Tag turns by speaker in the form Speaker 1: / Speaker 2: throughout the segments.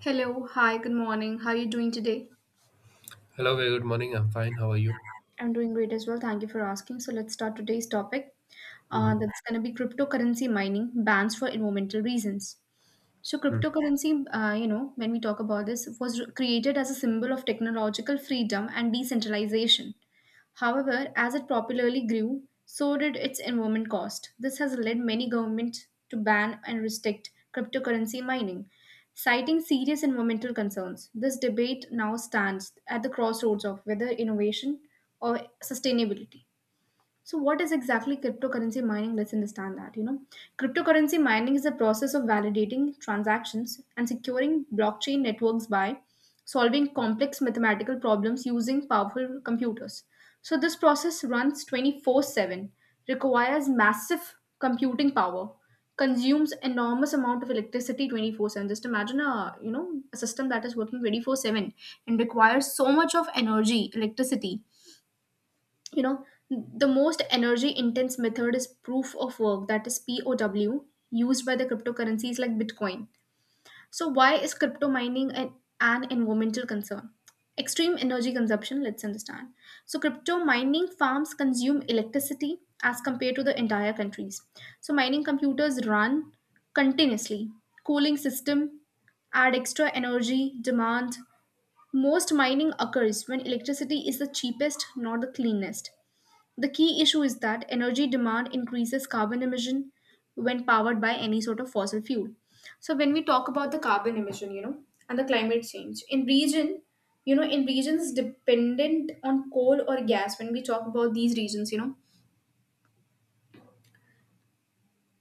Speaker 1: Hello, hi, good morning. How are you doing today?
Speaker 2: Hello, very good morning. I'm fine. How are you?
Speaker 1: I'm doing great as well. Thank you for asking. So let's start today's topic.
Speaker 2: Hmm.
Speaker 1: That's going to be cryptocurrency mining bans for environmental reasons. So cryptocurrency, you know, when we talk about this, was created as a symbol of technological freedom and decentralization. However, as it popularly grew, so did its environment cost. This has led many governments to ban and restrict cryptocurrency mining, citing serious environmental concerns. This debate now stands at the crossroads of whether innovation or sustainability. So what is exactly cryptocurrency mining? Let's understand that, you know. Cryptocurrency mining is the process of validating transactions and securing blockchain networks by solving complex mathematical problems using powerful computers. So this process runs 24/7, requires massive computing power, consumes enormous amount of electricity 24/7. Just imagine a, you know, a system that is working 24/7 and requires so much of energy, electricity. You know, the most energy intense method is proof of work, that is pow, used by the cryptocurrencies like bitcoin. So why is crypto mining an environmental concern? Extreme energy consumption, let's understand. So crypto mining farms consume electricity as compared to the entire countries. So mining computers run continuously, cooling system add extra energy demand. Most mining occurs when electricity is the cheapest, not the cleanest. The key issue is that energy demand increases carbon emission when powered by any sort of fossil fuel. So when we talk about the carbon emission, you know, and the climate change in region, you know, in regions dependent on coal or gas, when we talk about these regions, you know,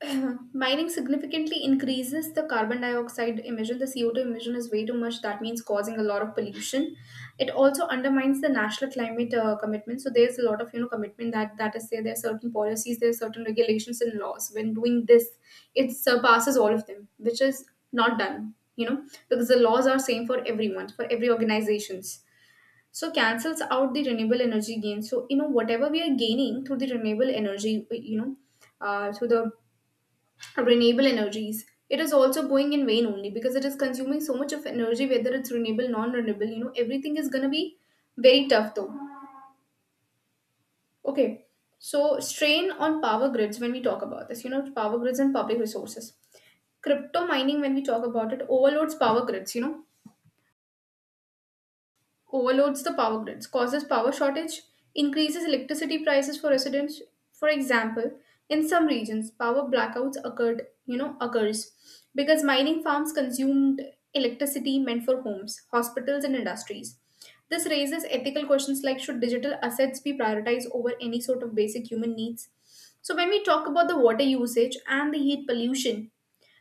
Speaker 1: mining significantly increases the carbon dioxide emission. The CO2 emission is way too much. That means causing a lot of pollution. It also undermines the national climate commitment. So there's a lot of, you know, commitment that is there. There are certain policies, there are certain regulations and laws. When doing this, it surpasses all of them, which is not done. You know, because the laws are same for everyone, for every organizations. So cancels out the renewable energy gain. So you know whatever we are gaining through the renewable energy, you know, through the renewable energies, it is also going in vain only because it is consuming so much of energy, whether it's renewable non-renewable. You know, everything is going to be very tough though. Okay, so strain on power grids, when we talk about this, you know, power grids and public resources. Crypto mining, when we talk about it, overloads power grids, you know, overloads the power grids, causes power shortage, increases electricity prices for residents. For example, in some regions, power blackouts occurred, you know, occurs because mining farms consumed electricity meant for homes, hospitals, and industries. This raises ethical questions like should digital assets be prioritized over any sort of basic human needs? So, when we talk about the water usage and the heat pollution,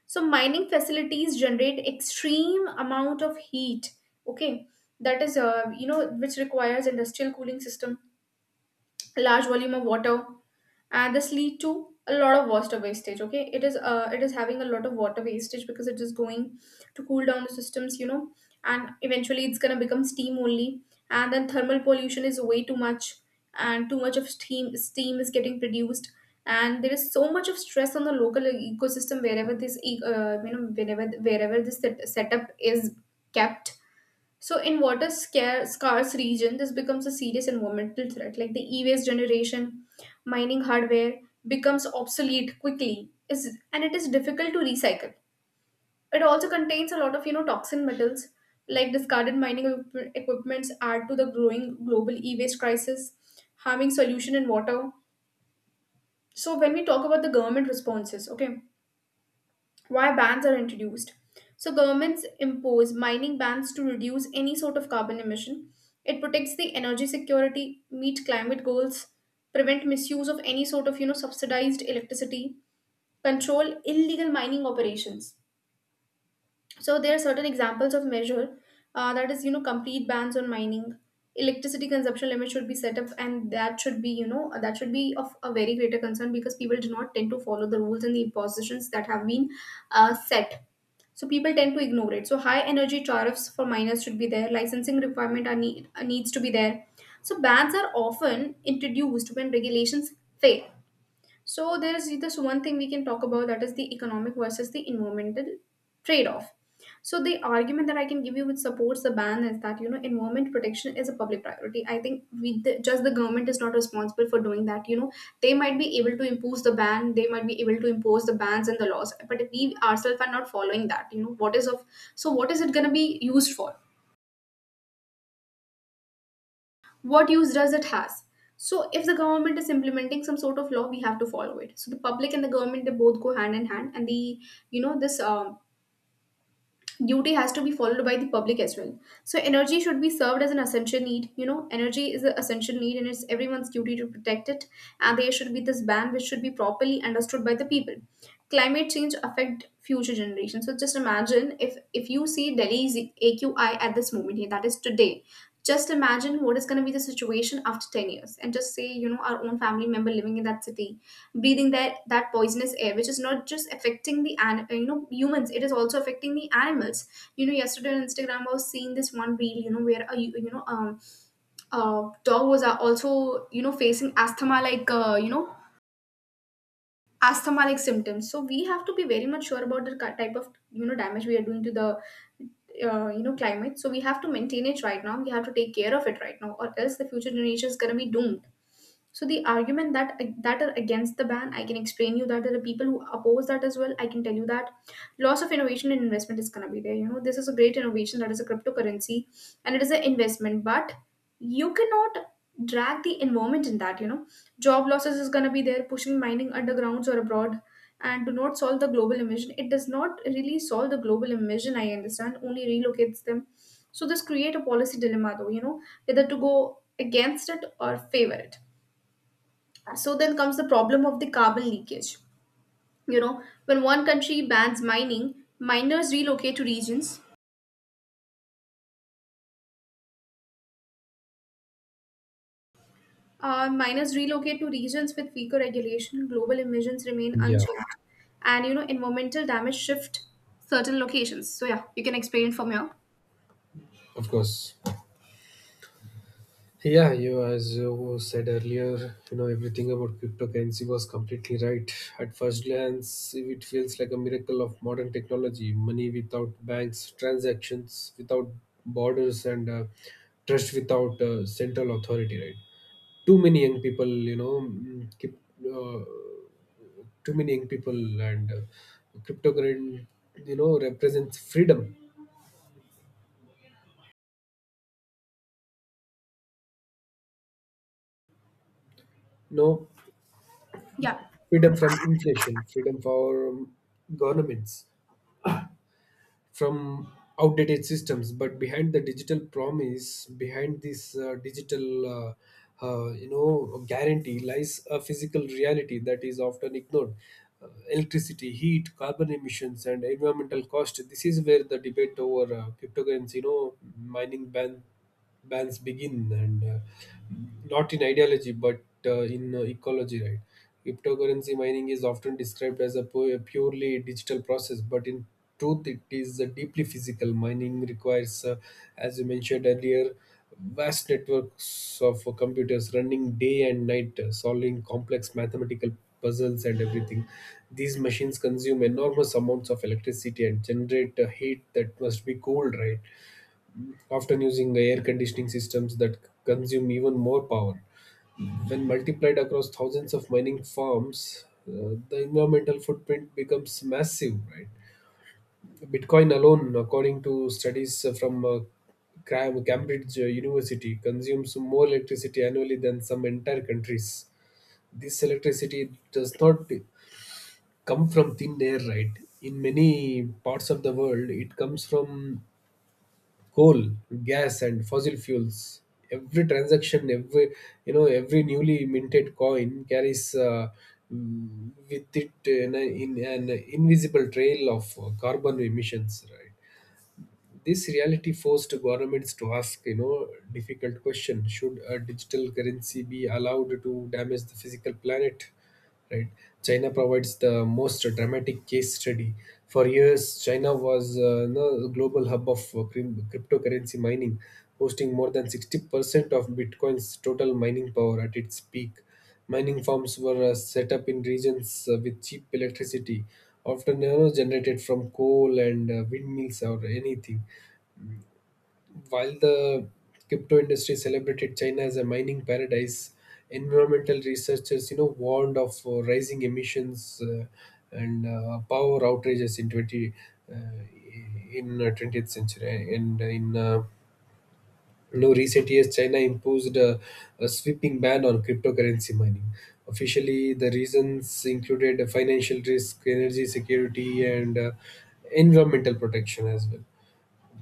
Speaker 1: so mining facilities generate extreme amount of heat. Okay, that is you know, which requires industrial cooling system, large volume of water, and this lead to a lot of water wastage. Okay, it is having a lot of water wastage because it is going to cool down the systems, you know, and eventually it's going to become steam only. And then thermal pollution is way too much, and too much of steam is getting produced, and there is so much of stress on the local ecosystem, wherever this you know, whenever wherever this setup is kept. So in water scarce region, this becomes a serious environmental threat. Like the e-waste generation, mining hardware becomes obsolete quickly, is and it is difficult to recycle. It also contains a lot of, you know, toxin metals. Like discarded mining equipments add to the growing global e-waste crisis, harming solution in water. So when we talk about the government responses, okay, why bans are introduced. So governments impose mining bans to reduce any sort of carbon emission. It protects the energy security, meet climate goals, prevent misuse of any sort of, you know, subsidized electricity, control illegal mining operations. So there are certain examples of measure, that is, you know, complete bans on mining. Electricity consumption limit should be set up, and that should be, you know, that should be of a very greater concern because people do not tend to follow the rules and the impositions that have been set. So people tend to ignore it. So high energy tariffs for miners should be there. Licensing requirement are needs to be there. So bans are often introduced when regulations fail. So there is this one thing we can talk about, that is the economic versus the environmental trade-off. So the argument that I can give you which supports the ban is that, you know, environment protection is a public priority. I think just the government is not responsible for doing that. You know, they might be able to impose the ban, they might be able to impose the bans and the laws, but we ourselves are not following that. You know, what is of, so what is it going to be used for? What use does it has? So if the government is implementing some sort of law, we have to follow it. So the public and the government, they both go hand in hand, and the, you know, this duty has to be followed by the public as well. So energy should be served as an essential need. You know, energy is an essential need and it's everyone's duty to protect it, and there should be this ban which should be properly understood by the people. Climate change affect future generations. So just imagine, if you see Delhi's AQI at this moment here, that is today, just imagine what is going to be the situation after 10 years and just say, you know, our own family member living in that city breathing that poisonous air, which is not just affecting the an you know, humans, it is also affecting the animals. You know, yesterday on Instagram I was seeing this one reel, you know, where a dog was also, you know, facing asthma like, asthma like symptoms. So we have to be very much sure about the type of, you know, damage we are doing to the, you know, climate. So we have to maintain it right now, we have to take care of it right now, or else the future generation is going to be doomed. So the argument that are against the ban, I can explain you that there are people who oppose that as well. I can tell you that loss of innovation and investment is gonna be there. You know, this is a great innovation, that is a cryptocurrency, and it is an investment, but you cannot drag the environment in that. You know, job losses is gonna be there, pushing mining undergrounds or abroad, and do not solve the global emission. It does not really solve the global emission. I understand only relocates them. So this create a policy dilemma though. You know, whether to go against it or favor it. So then comes the problem of the carbon leakage. You know, when one country bans mining, miners relocate to regions. Miners relocate to regions with weaker regulation. Global emissions remain
Speaker 2: Yeah,
Speaker 1: unchanged, and you know, environmental damage shift certain locations. So yeah, you can explain from here.
Speaker 2: of course. Yeah, you as you said earlier, everything about cryptocurrency was completely right. At first glance, it feels like a miracle of modern technology, money without banks, transactions without borders, and trust without central authority. Right? Too many young people, keep, uh, too many young people, and cryptocurrency, represents freedom. No,
Speaker 1: Yeah.
Speaker 2: freedom from inflation, freedom from governments, from outdated systems. But behind the digital promise, behind this guarantee lies a physical reality that is often ignored. Electricity, heat, carbon emissions, and environmental cost. This is where the debate over cryptocurrency, mining ban bans begin, and not in ideology but in ecology. Right? Cryptocurrency mining is often described as a purely digital process, but in truth it is a deeply physical mining. requires, as you mentioned earlier, vast networks of computers running day and night, solving complex mathematical puzzles and everything. These machines consume enormous amounts of electricity and generate a heat that must be cooled, right? Often using the air conditioning systems that consume even more power. When multiplied across thousands of mining farms, the environmental footprint becomes massive, right? Bitcoin alone, according to studies from Cambridge University, consumes more electricity annually than some entire countries. This electricity does not come from thin air, right? In many parts of the world, it comes from coal, gas, and fossil fuels. Every transaction, every newly minted coin carries, with it in an invisible trail of carbon emissions. Right? This reality forced governments to ask, difficult question: should a digital currency be allowed to damage the physical planet? Right? China provides the most dramatic case study. For years, China was the global hub of cryptocurrency mining, hosting more than 60% of Bitcoin's total mining power at its peak. Mining farms were set up in regions with cheap electricity, often generated from coal and windmills or anything. While the crypto industry celebrated China as a mining paradise, environmental researchers, warned of rising emissions, and power outages in twenty uh, in 20th century. And recent years, China imposed a sweeping ban on cryptocurrency mining. Officially, the reasons included financial risk, energy security, and environmental protection as well.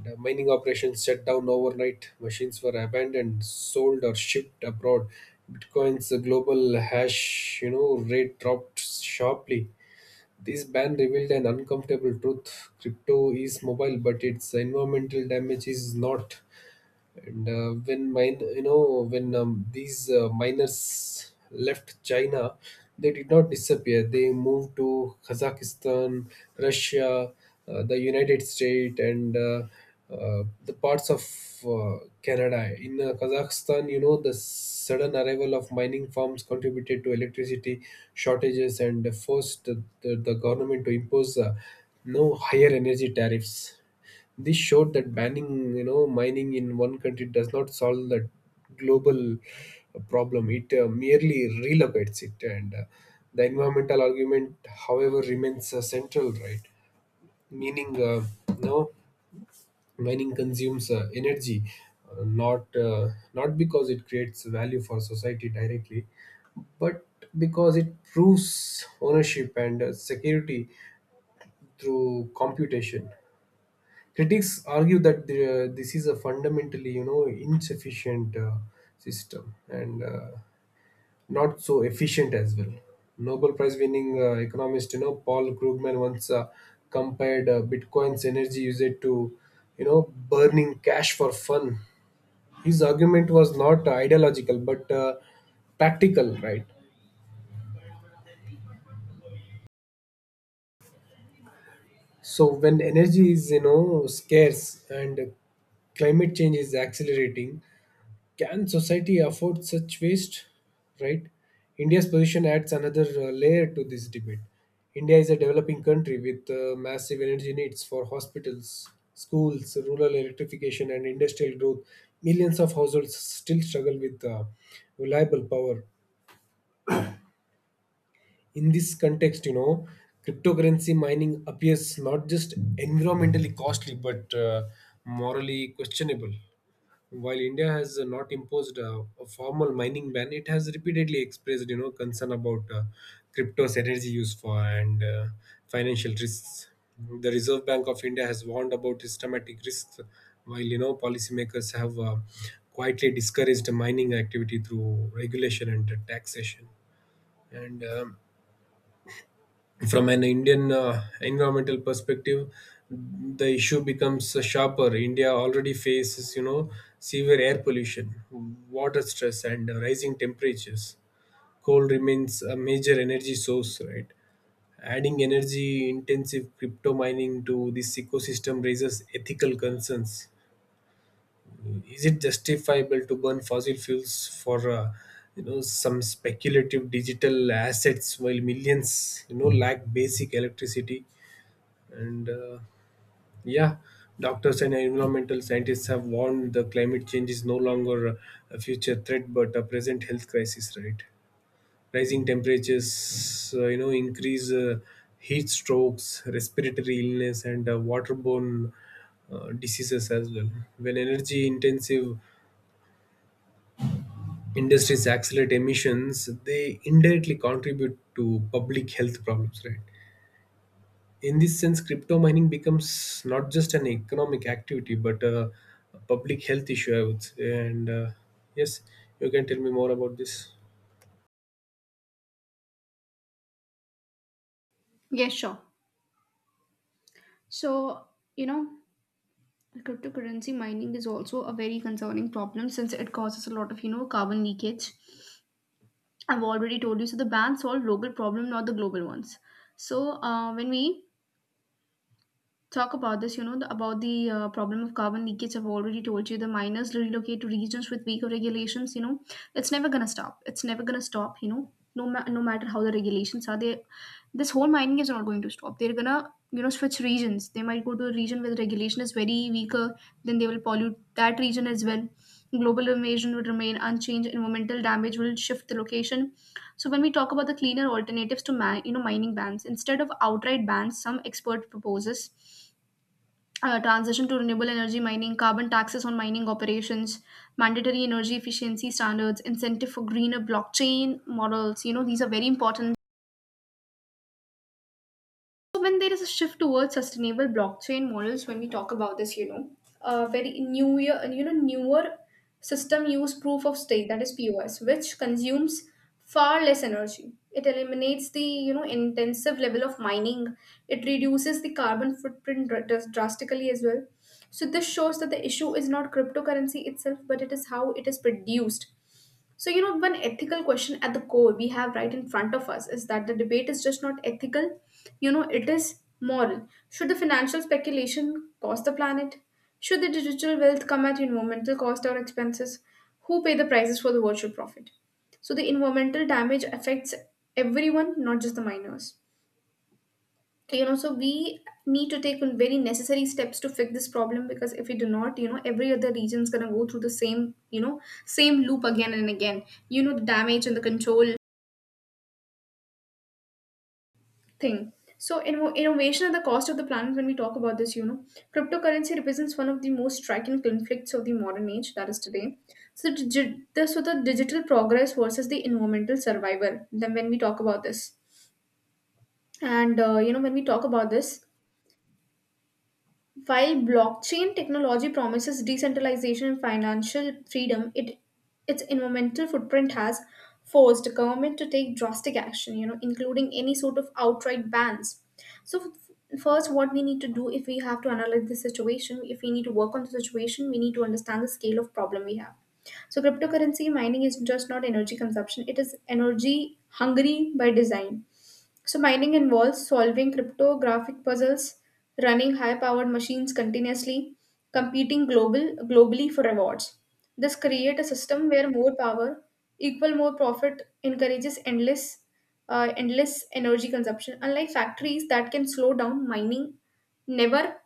Speaker 2: The mining operations shut down overnight, machines were abandoned, sold or shipped abroad. Bitcoin's global hash, rate dropped sharply. This ban revealed an uncomfortable truth. Crypto is mobile, but its environmental damage is not. And when mine you know when these miners left China, they did not disappear. They moved to Kazakhstan, Russia, the United States, and the parts of Canada. In Kazakhstan, the sudden arrival of mining firms contributed to electricity shortages and forced the government to impose no higher energy tariffs. This showed that banning, mining in one country does not solve the global problem. It merely relocates it, and the environmental argument, however, remains central, right? Meaning, no, mining consumes energy, uh, not uh, not because it creates value for society directly, but because it proves ownership and security through computation. Critics argue that this is a fundamentally, insufficient system and not so efficient as well. Nobel Prize-winning economist, Paul Krugman once compared Bitcoin's energy usage to, burning cash for fun. His argument was not ideological but practical, right? So when energy is, scarce and climate change is accelerating, can society afford such waste? Right? India's position adds another layer to this debate. India is a developing country with massive energy needs for hospitals, schools, rural electrification, and industrial growth. Millions of households still struggle with reliable power. In this context, cryptocurrency mining appears not just environmentally costly but morally questionable. While India has not imposed a formal mining ban, it has repeatedly expressed, concern about crypto's energy use for and financial risks. The Reserve Bank of India has warned about systematic risks, while, policymakers have quietly discouraged mining activity through regulation and taxation. And from an Indian environmental perspective, the issue becomes sharper. India already faces, severe air pollution, water stress, and rising temperatures. Coal remains a major energy source, right? Adding energy intensive crypto mining to this ecosystem raises ethical concerns. Is it justifiable to burn fossil fuels for, some speculative digital assets while millions, lack basic electricity? And yeah, doctors and environmental scientists have warned the climate change is no longer a future threat but a present health crisis, right? Rising temperatures, increase heat strokes, respiratory illness, and waterborne diseases as well. When energy intensive industries accelerate emissions, they indirectly contribute to public health problems, right? In this sense, crypto mining becomes not just an economic activity but a public health issue, I would say. And yes, you can tell me more about this.
Speaker 1: Yes, sure. So, you know, cryptocurrency mining is also a very concerning problem since it causes a lot of, you know, carbon leakage. I've already told you. So the ban solved local problem, not the global ones. So when we talk about this, you know, about the problem of carbon leakage. I've already told you the miners relocate to regions with weaker regulations. You know, it's never gonna stop. It's never gonna stop. You know, no matter how the regulations are, they this whole mining is not going to stop. They're gonna, you know, switch regions. They might go to a region where the regulation is very weaker. Then they will pollute that region as well. Global invasion would remain unchanged. Environmental damage will shift the location. So when we talk about the cleaner alternatives to you know, mining bans, instead of outright bans, some expert proposes transition to renewable energy mining, carbon taxes on mining operations, mandatory energy efficiency standards, incentive for greener blockchain models. You know, these are very important. So when there is a shift towards sustainable blockchain models, when we talk about this, you know, a very new year, you know, newer system use proof of stake, that is POS, which consumes far less energy. It eliminates the intensive level of mining. It reduces the carbon footprint drastically as well. So this shows that the issue is not cryptocurrency itself, but it is how it is produced. So, one ethical question at the core we have right in front of us is that the debate is just not ethical, it is moral. Should the financial speculation cost the planet? Should the digital wealth come at environmental cost or expenses? Who pay the prices for the virtual profit? So, the environmental damage affects everyone, not just the miners, so we need to take very necessary steps to fix this problem, because if we do not, every other region is going to go through the same same loop again and again, the damage and the control thing. So innovation at the cost of the planet, when we talk about this, cryptocurrency represents one of the most striking conflicts of the modern age, that is today. So the digital progress versus the environmental survival, then when we talk about this. And when we talk about this, while blockchain technology promises decentralization and financial freedom, it its environmental footprint has forced the government to take drastic action, you know, including any sort of outright bans. So first, what we need to do, if we have to analyze the situation, if we need to work on the situation, we need to understand the scale of problem we have. So cryptocurrency mining is just not energy consumption, it is energy hungry by design. So mining involves solving cryptographic puzzles, running high-powered machines continuously, competing global globally for rewards. This create a system where more power equal more profit, encourages endless energy consumption. Unlike factories that can slow down, mining never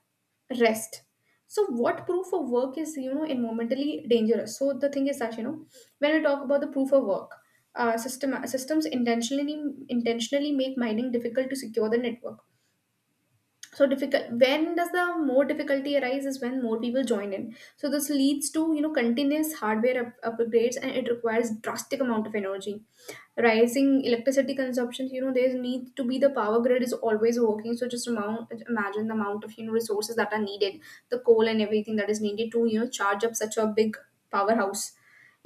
Speaker 1: rest. So what proof of work is, you know, environmentally dangerous? So the thing is that, you know, when we talk about the proof of work, systems intentionally make mining difficult to secure the network. So difficult. When does the more difficulty arise is when more people join in. So this leads to, you know, continuous hardware upgrades, and it requires drastic amount of energy, rising electricity consumption. You know, there's need to be the power grid is always working. So just amount imagine the amount of, you know, resources that are needed, the coal and everything that is needed to, you know, charge up such a big powerhouse,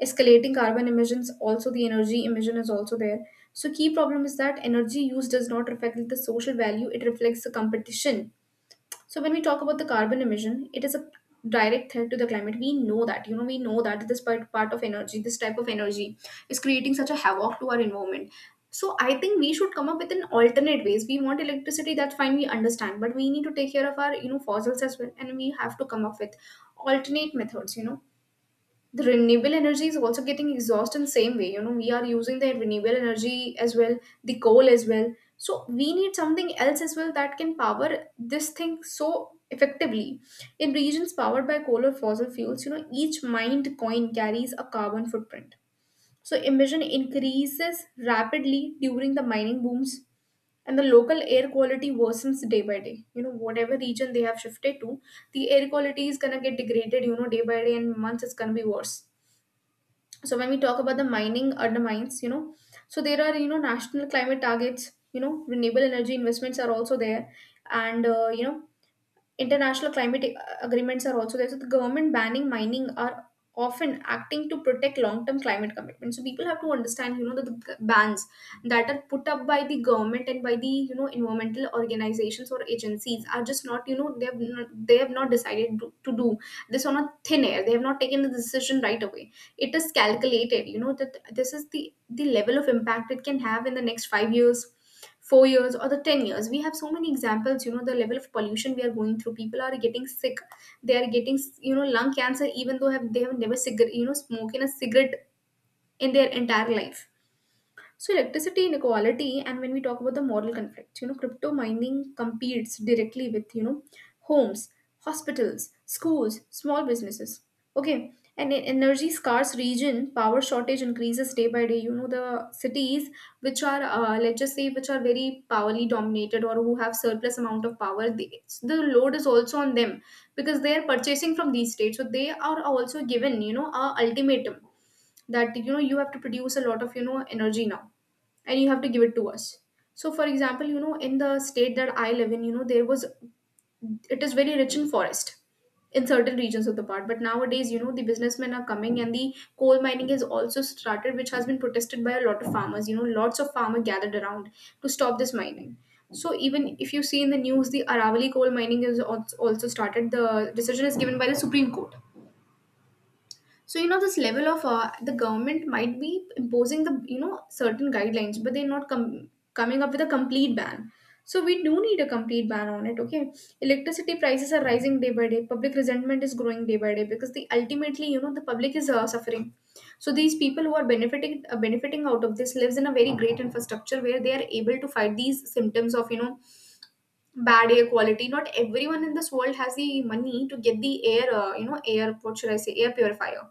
Speaker 1: escalating carbon emissions, also the energy emission is also there. So key problem is that energy use does not reflect the social value, it reflects the competition. So when we talk about the carbon emission, it is a direct threat to the climate. We know that, you know, we know that this part of energy, this type of energy is creating such a havoc to our environment. So I think we should come up with an alternate ways. We want electricity, that's fine, we understand, but we need to take care of our, you know, fossils as well, and we have to come up with alternate methods, you know. The renewable energy is also getting exhausted in the same way, you know, we are using the renewable energy as well, the coal as well. So we need something else as well that can power this thing, so effectively in regions powered by coal or fossil fuels, you know, each mined coin carries a carbon footprint. So emission increases rapidly during the mining booms, and the local air quality worsens day by day. You know, whatever region they have shifted to, the air quality is going to get degraded, you know, day by day, and months it's going to be worse. So when we talk about the mining undermines, you know, so there are, you know, national climate targets, you know, renewable energy investments are also there. And international climate agreements are also there, so the government banning mining are often acting to protect long-term climate commitments. So people have to understand, you know, that the bans that are put up by the government and by the, you know, environmental organizations or agencies are just not, you know, they have not decided to do this on a thin air, they have not taken the decision right away. It is calculated, you know, that this is the level of impact it can have in the next 5 years, 4 years, or the 10 years. We have so many examples, you know, the level of pollution we are going through, people are getting sick. They are getting, you know, lung cancer even though have they have never cigarette, you know, smoking a cigarette in their entire life. So electricity inequality, and when we talk about the moral conflict, you know, crypto mining competes directly with, you know, homes, hospitals, schools, small businesses. Okay, and in energy scarce region, power shortage increases day by day. You know, the cities which are, let's just say which are very powerly dominated, or who have surplus amount of power, they, the load is also on them, because they are purchasing from these states, so they are also given, you know, a ultimatum that, you know, you have to produce a lot of, you know, energy now, and you have to give it to us. So for example, you know, in the state that I live in, you know, there was, it is very rich in forest in certain regions of the part, but nowadays, you know, the businessmen are coming and the coal mining has also started, which has been protested by a lot of farmers. You know, lots of farmer gathered around to stop this mining. So even if you see in the news, the Aravali coal mining is also started, the decision is given by the Supreme Court. So you know, this level of, the government might be imposing the, you know, certain guidelines, but they're not coming up with a complete ban. So we do need a complete ban on it, okay. Electricity prices are rising day by day, public resentment is growing day by day, because the ultimately, you know, the public is, suffering. So these people who are benefiting out of this lives in a very great infrastructure where they are able to fight these symptoms of, you know, bad air quality. Not everyone in this world has the money to get the air you know air what should I say, air purifier.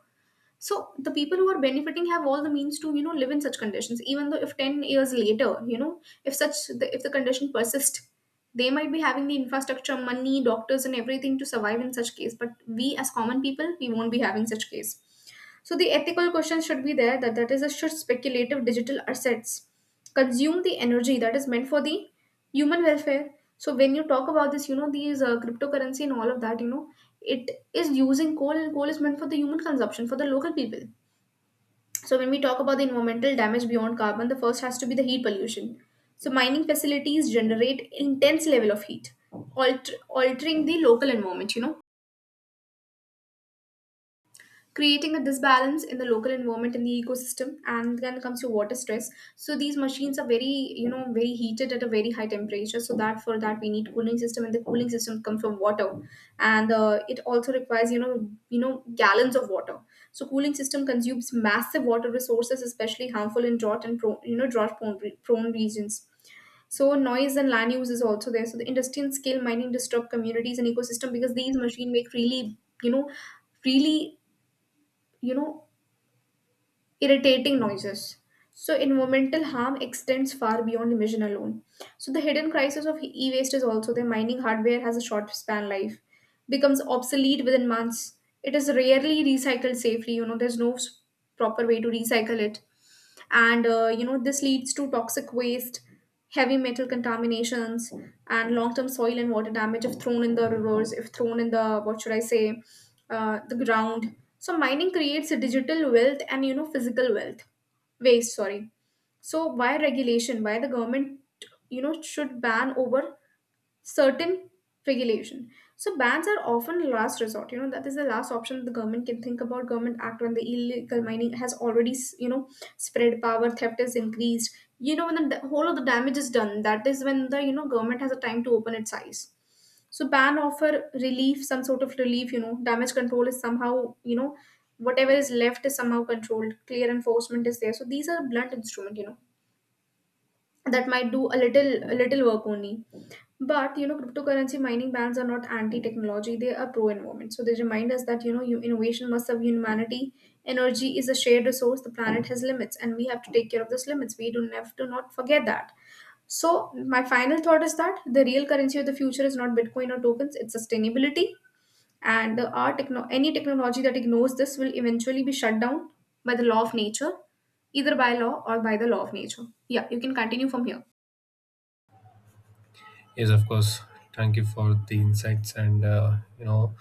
Speaker 1: So the people who are benefiting have all the means to, you know, live in such conditions. Even though if 10 years later, you know, if if the condition persists, they might be having the infrastructure, money, doctors, and everything to survive in such case, but we as common people we won't be having such case. So the ethical question should be there, that that is a should speculative digital assets consume the energy that is meant for the human welfare. So when you talk about this, you know, these, cryptocurrency and all of that, you know, it is using coal, and coal is meant for the human consumption for the local people. So when we talk about the environmental damage beyond carbon, the first has to be the heat pollution. So mining facilities generate intense level of heat, altering the local environment, you know, creating a disbalance in the local environment and the ecosystem. And then comes your water stress, so these machines are very, you know, very heated at a very high temperature, so that for that we need cooling system, and the cooling system comes from water. And it also requires, you know, gallons of water. So cooling system consumes massive water resources, especially harmful in drought and pro, you know drought prone, prone regions. So noise and land use is also there. So the industry and scale mining disturb communities and ecosystem, because these machine make really, you know, really, you know, irritating noises. So environmental harm extends far beyond emission alone. So the hidden crisis of e waste is also there. Mining hardware has a short span life, becomes obsolete within months. It is rarely recycled safely. You know, there's no proper way to recycle it. And, you know, this leads to toxic waste, heavy metal contaminations, and long term soil and water damage, if thrown in the rivers, if thrown in the, what should I say, the ground. So mining creates a digital wealth and, you know, physical wealth waste. Sorry. So why regulation? Why the government, you know, should ban over certain regulation? So bans are often last resort. You know, that is the last option the government can think about. Government act when the illegal mining has already you know spread, power theft is increased. You know, when the whole of the damage is done. That is when the, you know, government has a time to open its eyes. So ban offer relief, some sort of relief, you know. Damage control is somehow, you know, whatever is left is somehow controlled. Clear enforcement is there. So these are blunt instrument, you know, that might do a little work only. But you know, cryptocurrency mining bans are not anti-technology, they are pro-environment. So they remind us that, you know, innovation must serve humanity. Energy is a shared resource, the planet has limits, and we have to take care of those limits. We do have to not forget that. So my final thought is that the real currency of the future is not Bitcoin or tokens, it's sustainability. And the any technology that ignores this will eventually be shut down by the law of nature, either by law or by the law of nature. Yeah, you can continue from here.
Speaker 2: Yes, of course. Thank you for the insights. And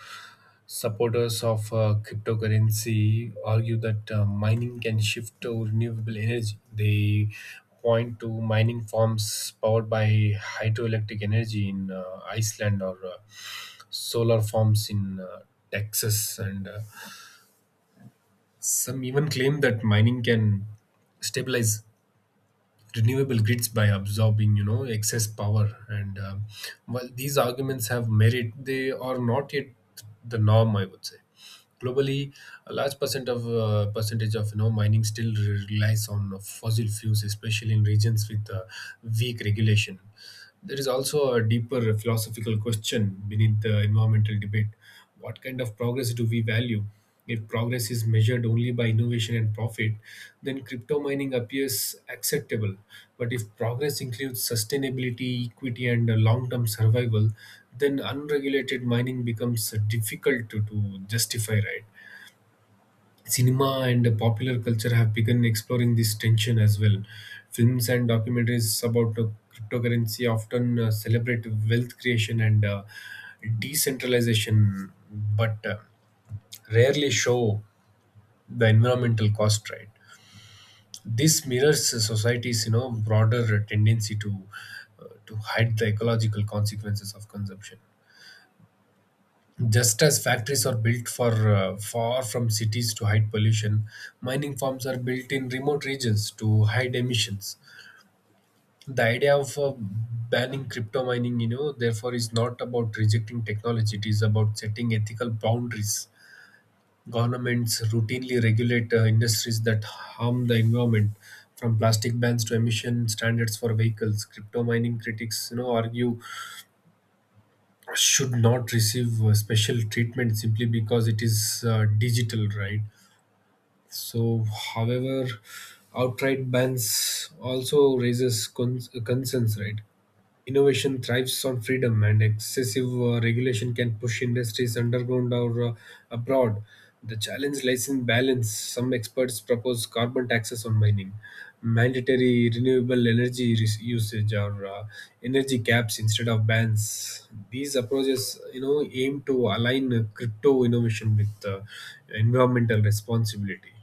Speaker 2: supporters of cryptocurrency argue that mining can shift to renewable energy. They point to mining farms powered by hydroelectric energy in Iceland or solar farms in Texas, and some even claim that mining can stabilize renewable grids by absorbing, excess power. And while these arguments have merit, they are not yet the norm, I would say. Globally, a large percentage of, mining still relies on fossil fuels, especially in regions with weak regulation. There is also a deeper philosophical question beneath the environmental debate. What kind of progress do we value? If progress is measured only by innovation and profit, then crypto mining appears acceptable. But if progress includes sustainability, equity, and long term survival, then unregulated mining becomes difficult to justify, right? Cinema and popular culture have begun exploring this tension as well. Films and documentaries about cryptocurrency often celebrate wealth creation and decentralization, but rarely show the environmental cost, right? This mirrors society's, broader tendency to hide the ecological consequences of consumption. Just as factories are built for, far from cities to hide pollution, mining farms are built in remote regions to hide emissions. The idea of banning crypto mining, therefore, is not about rejecting technology; it is about setting ethical boundaries. Governments routinely regulate industries that harm the environment, from plastic bans to emission standards for vehicles. Crypto mining critics, argue should not receive special treatment simply because it is digital, right? So, however, outright bans also raises concerns, right? Innovation thrives on freedom, and excessive regulation can push industries underground or abroad. The challenge lies in balance. Some experts propose carbon taxes on mining, mandatory renewable energy usage, or energy caps instead of bans. These approaches, aim to align crypto innovation with environmental responsibility.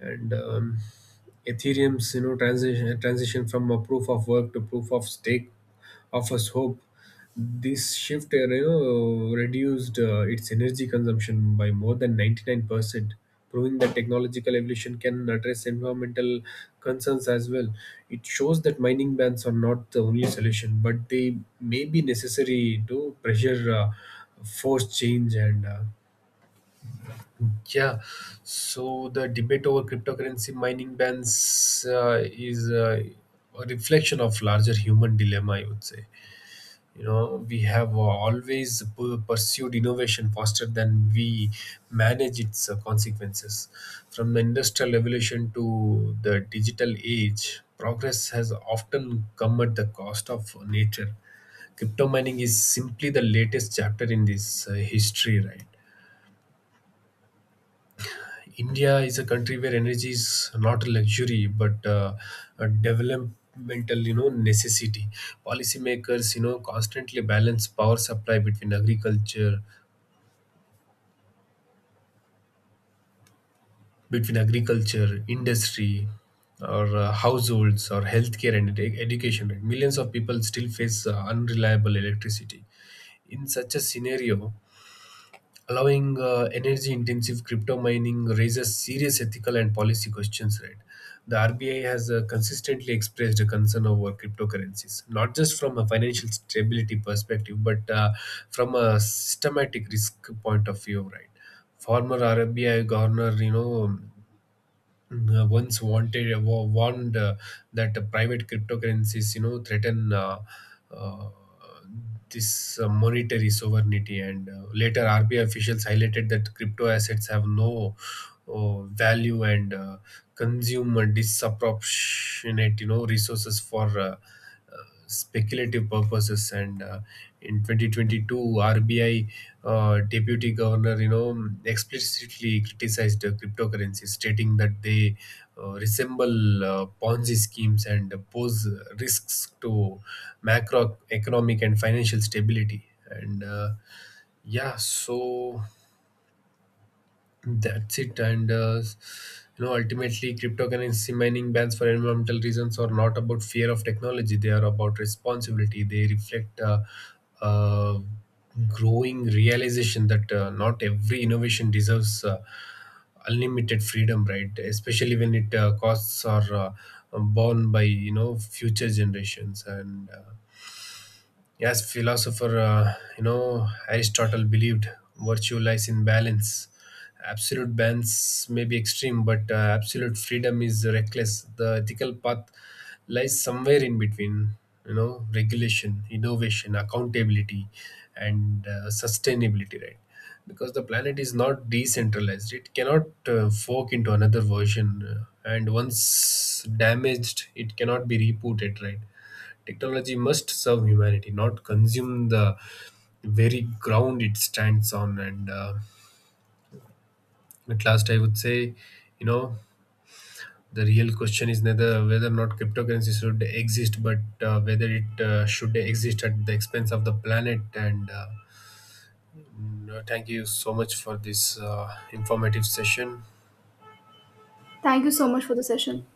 Speaker 2: And Ethereum's, transition from a proof of work to proof of stake offers hope. This shift, reduced its energy consumption by more than 99%, proving that technological evolution can address environmental concerns as well. It shows that mining bans are not the only solution, but they may be necessary to pressure, force change. And yeah, so the debate over cryptocurrency mining bans is a reflection of larger human dilemma, I would say. We have pursued innovation faster than we manage its consequences. From the industrial revolution to the digital age, progress has often come at the cost of nature. Crypto mining is simply the latest chapter in this history, right? India is a country where energy is not a luxury but a developmental, necessity. Policymakers, constantly balance power supply between agriculture, industry, or households, or healthcare and education. Millions of people still face unreliable electricity. In such a scenario, allowing energy intensive crypto mining raises serious ethical and policy questions, right? The RBI has consistently expressed a concern over cryptocurrencies, not just from a financial stability perspective but from a systematic risk point of view, right? Former RBI governor, warned that the private cryptocurrencies, threaten uh, this monetary sovereignty. And later, RBI officials highlighted that crypto assets have no value and consume disproportionate, resources for speculative purposes. And in 2022, RBI deputy governor, explicitly criticized cryptocurrencies, stating that they resemble Ponzi schemes and pose risks to macroeconomic and financial stability. And yeah, so that's it. And ultimately, cryptocurrency mining bans for environmental reasons are not about fear of technology; they are about responsibility. They reflect uh, growing realization that not every innovation deserves unlimited freedom, right? Especially when it costs are borne by, future generations. And. Yes, philosopher, Aristotle believed virtue lies in balance. Absolute balance may be extreme, but absolute freedom is reckless. The ethical path lies somewhere in between, regulation, innovation, accountability, and sustainability, right? Because the planet is not decentralized, it cannot fork into another version, and once damaged, it cannot be rebooted, right? Technology must serve humanity, not consume the very ground it stands on. And at last, I would say, you know, the real question is neither whether or not cryptocurrency should exist, but whether it should exist at the expense of the planet. And thank you so much for this informative session.
Speaker 1: Thank you so much for the session.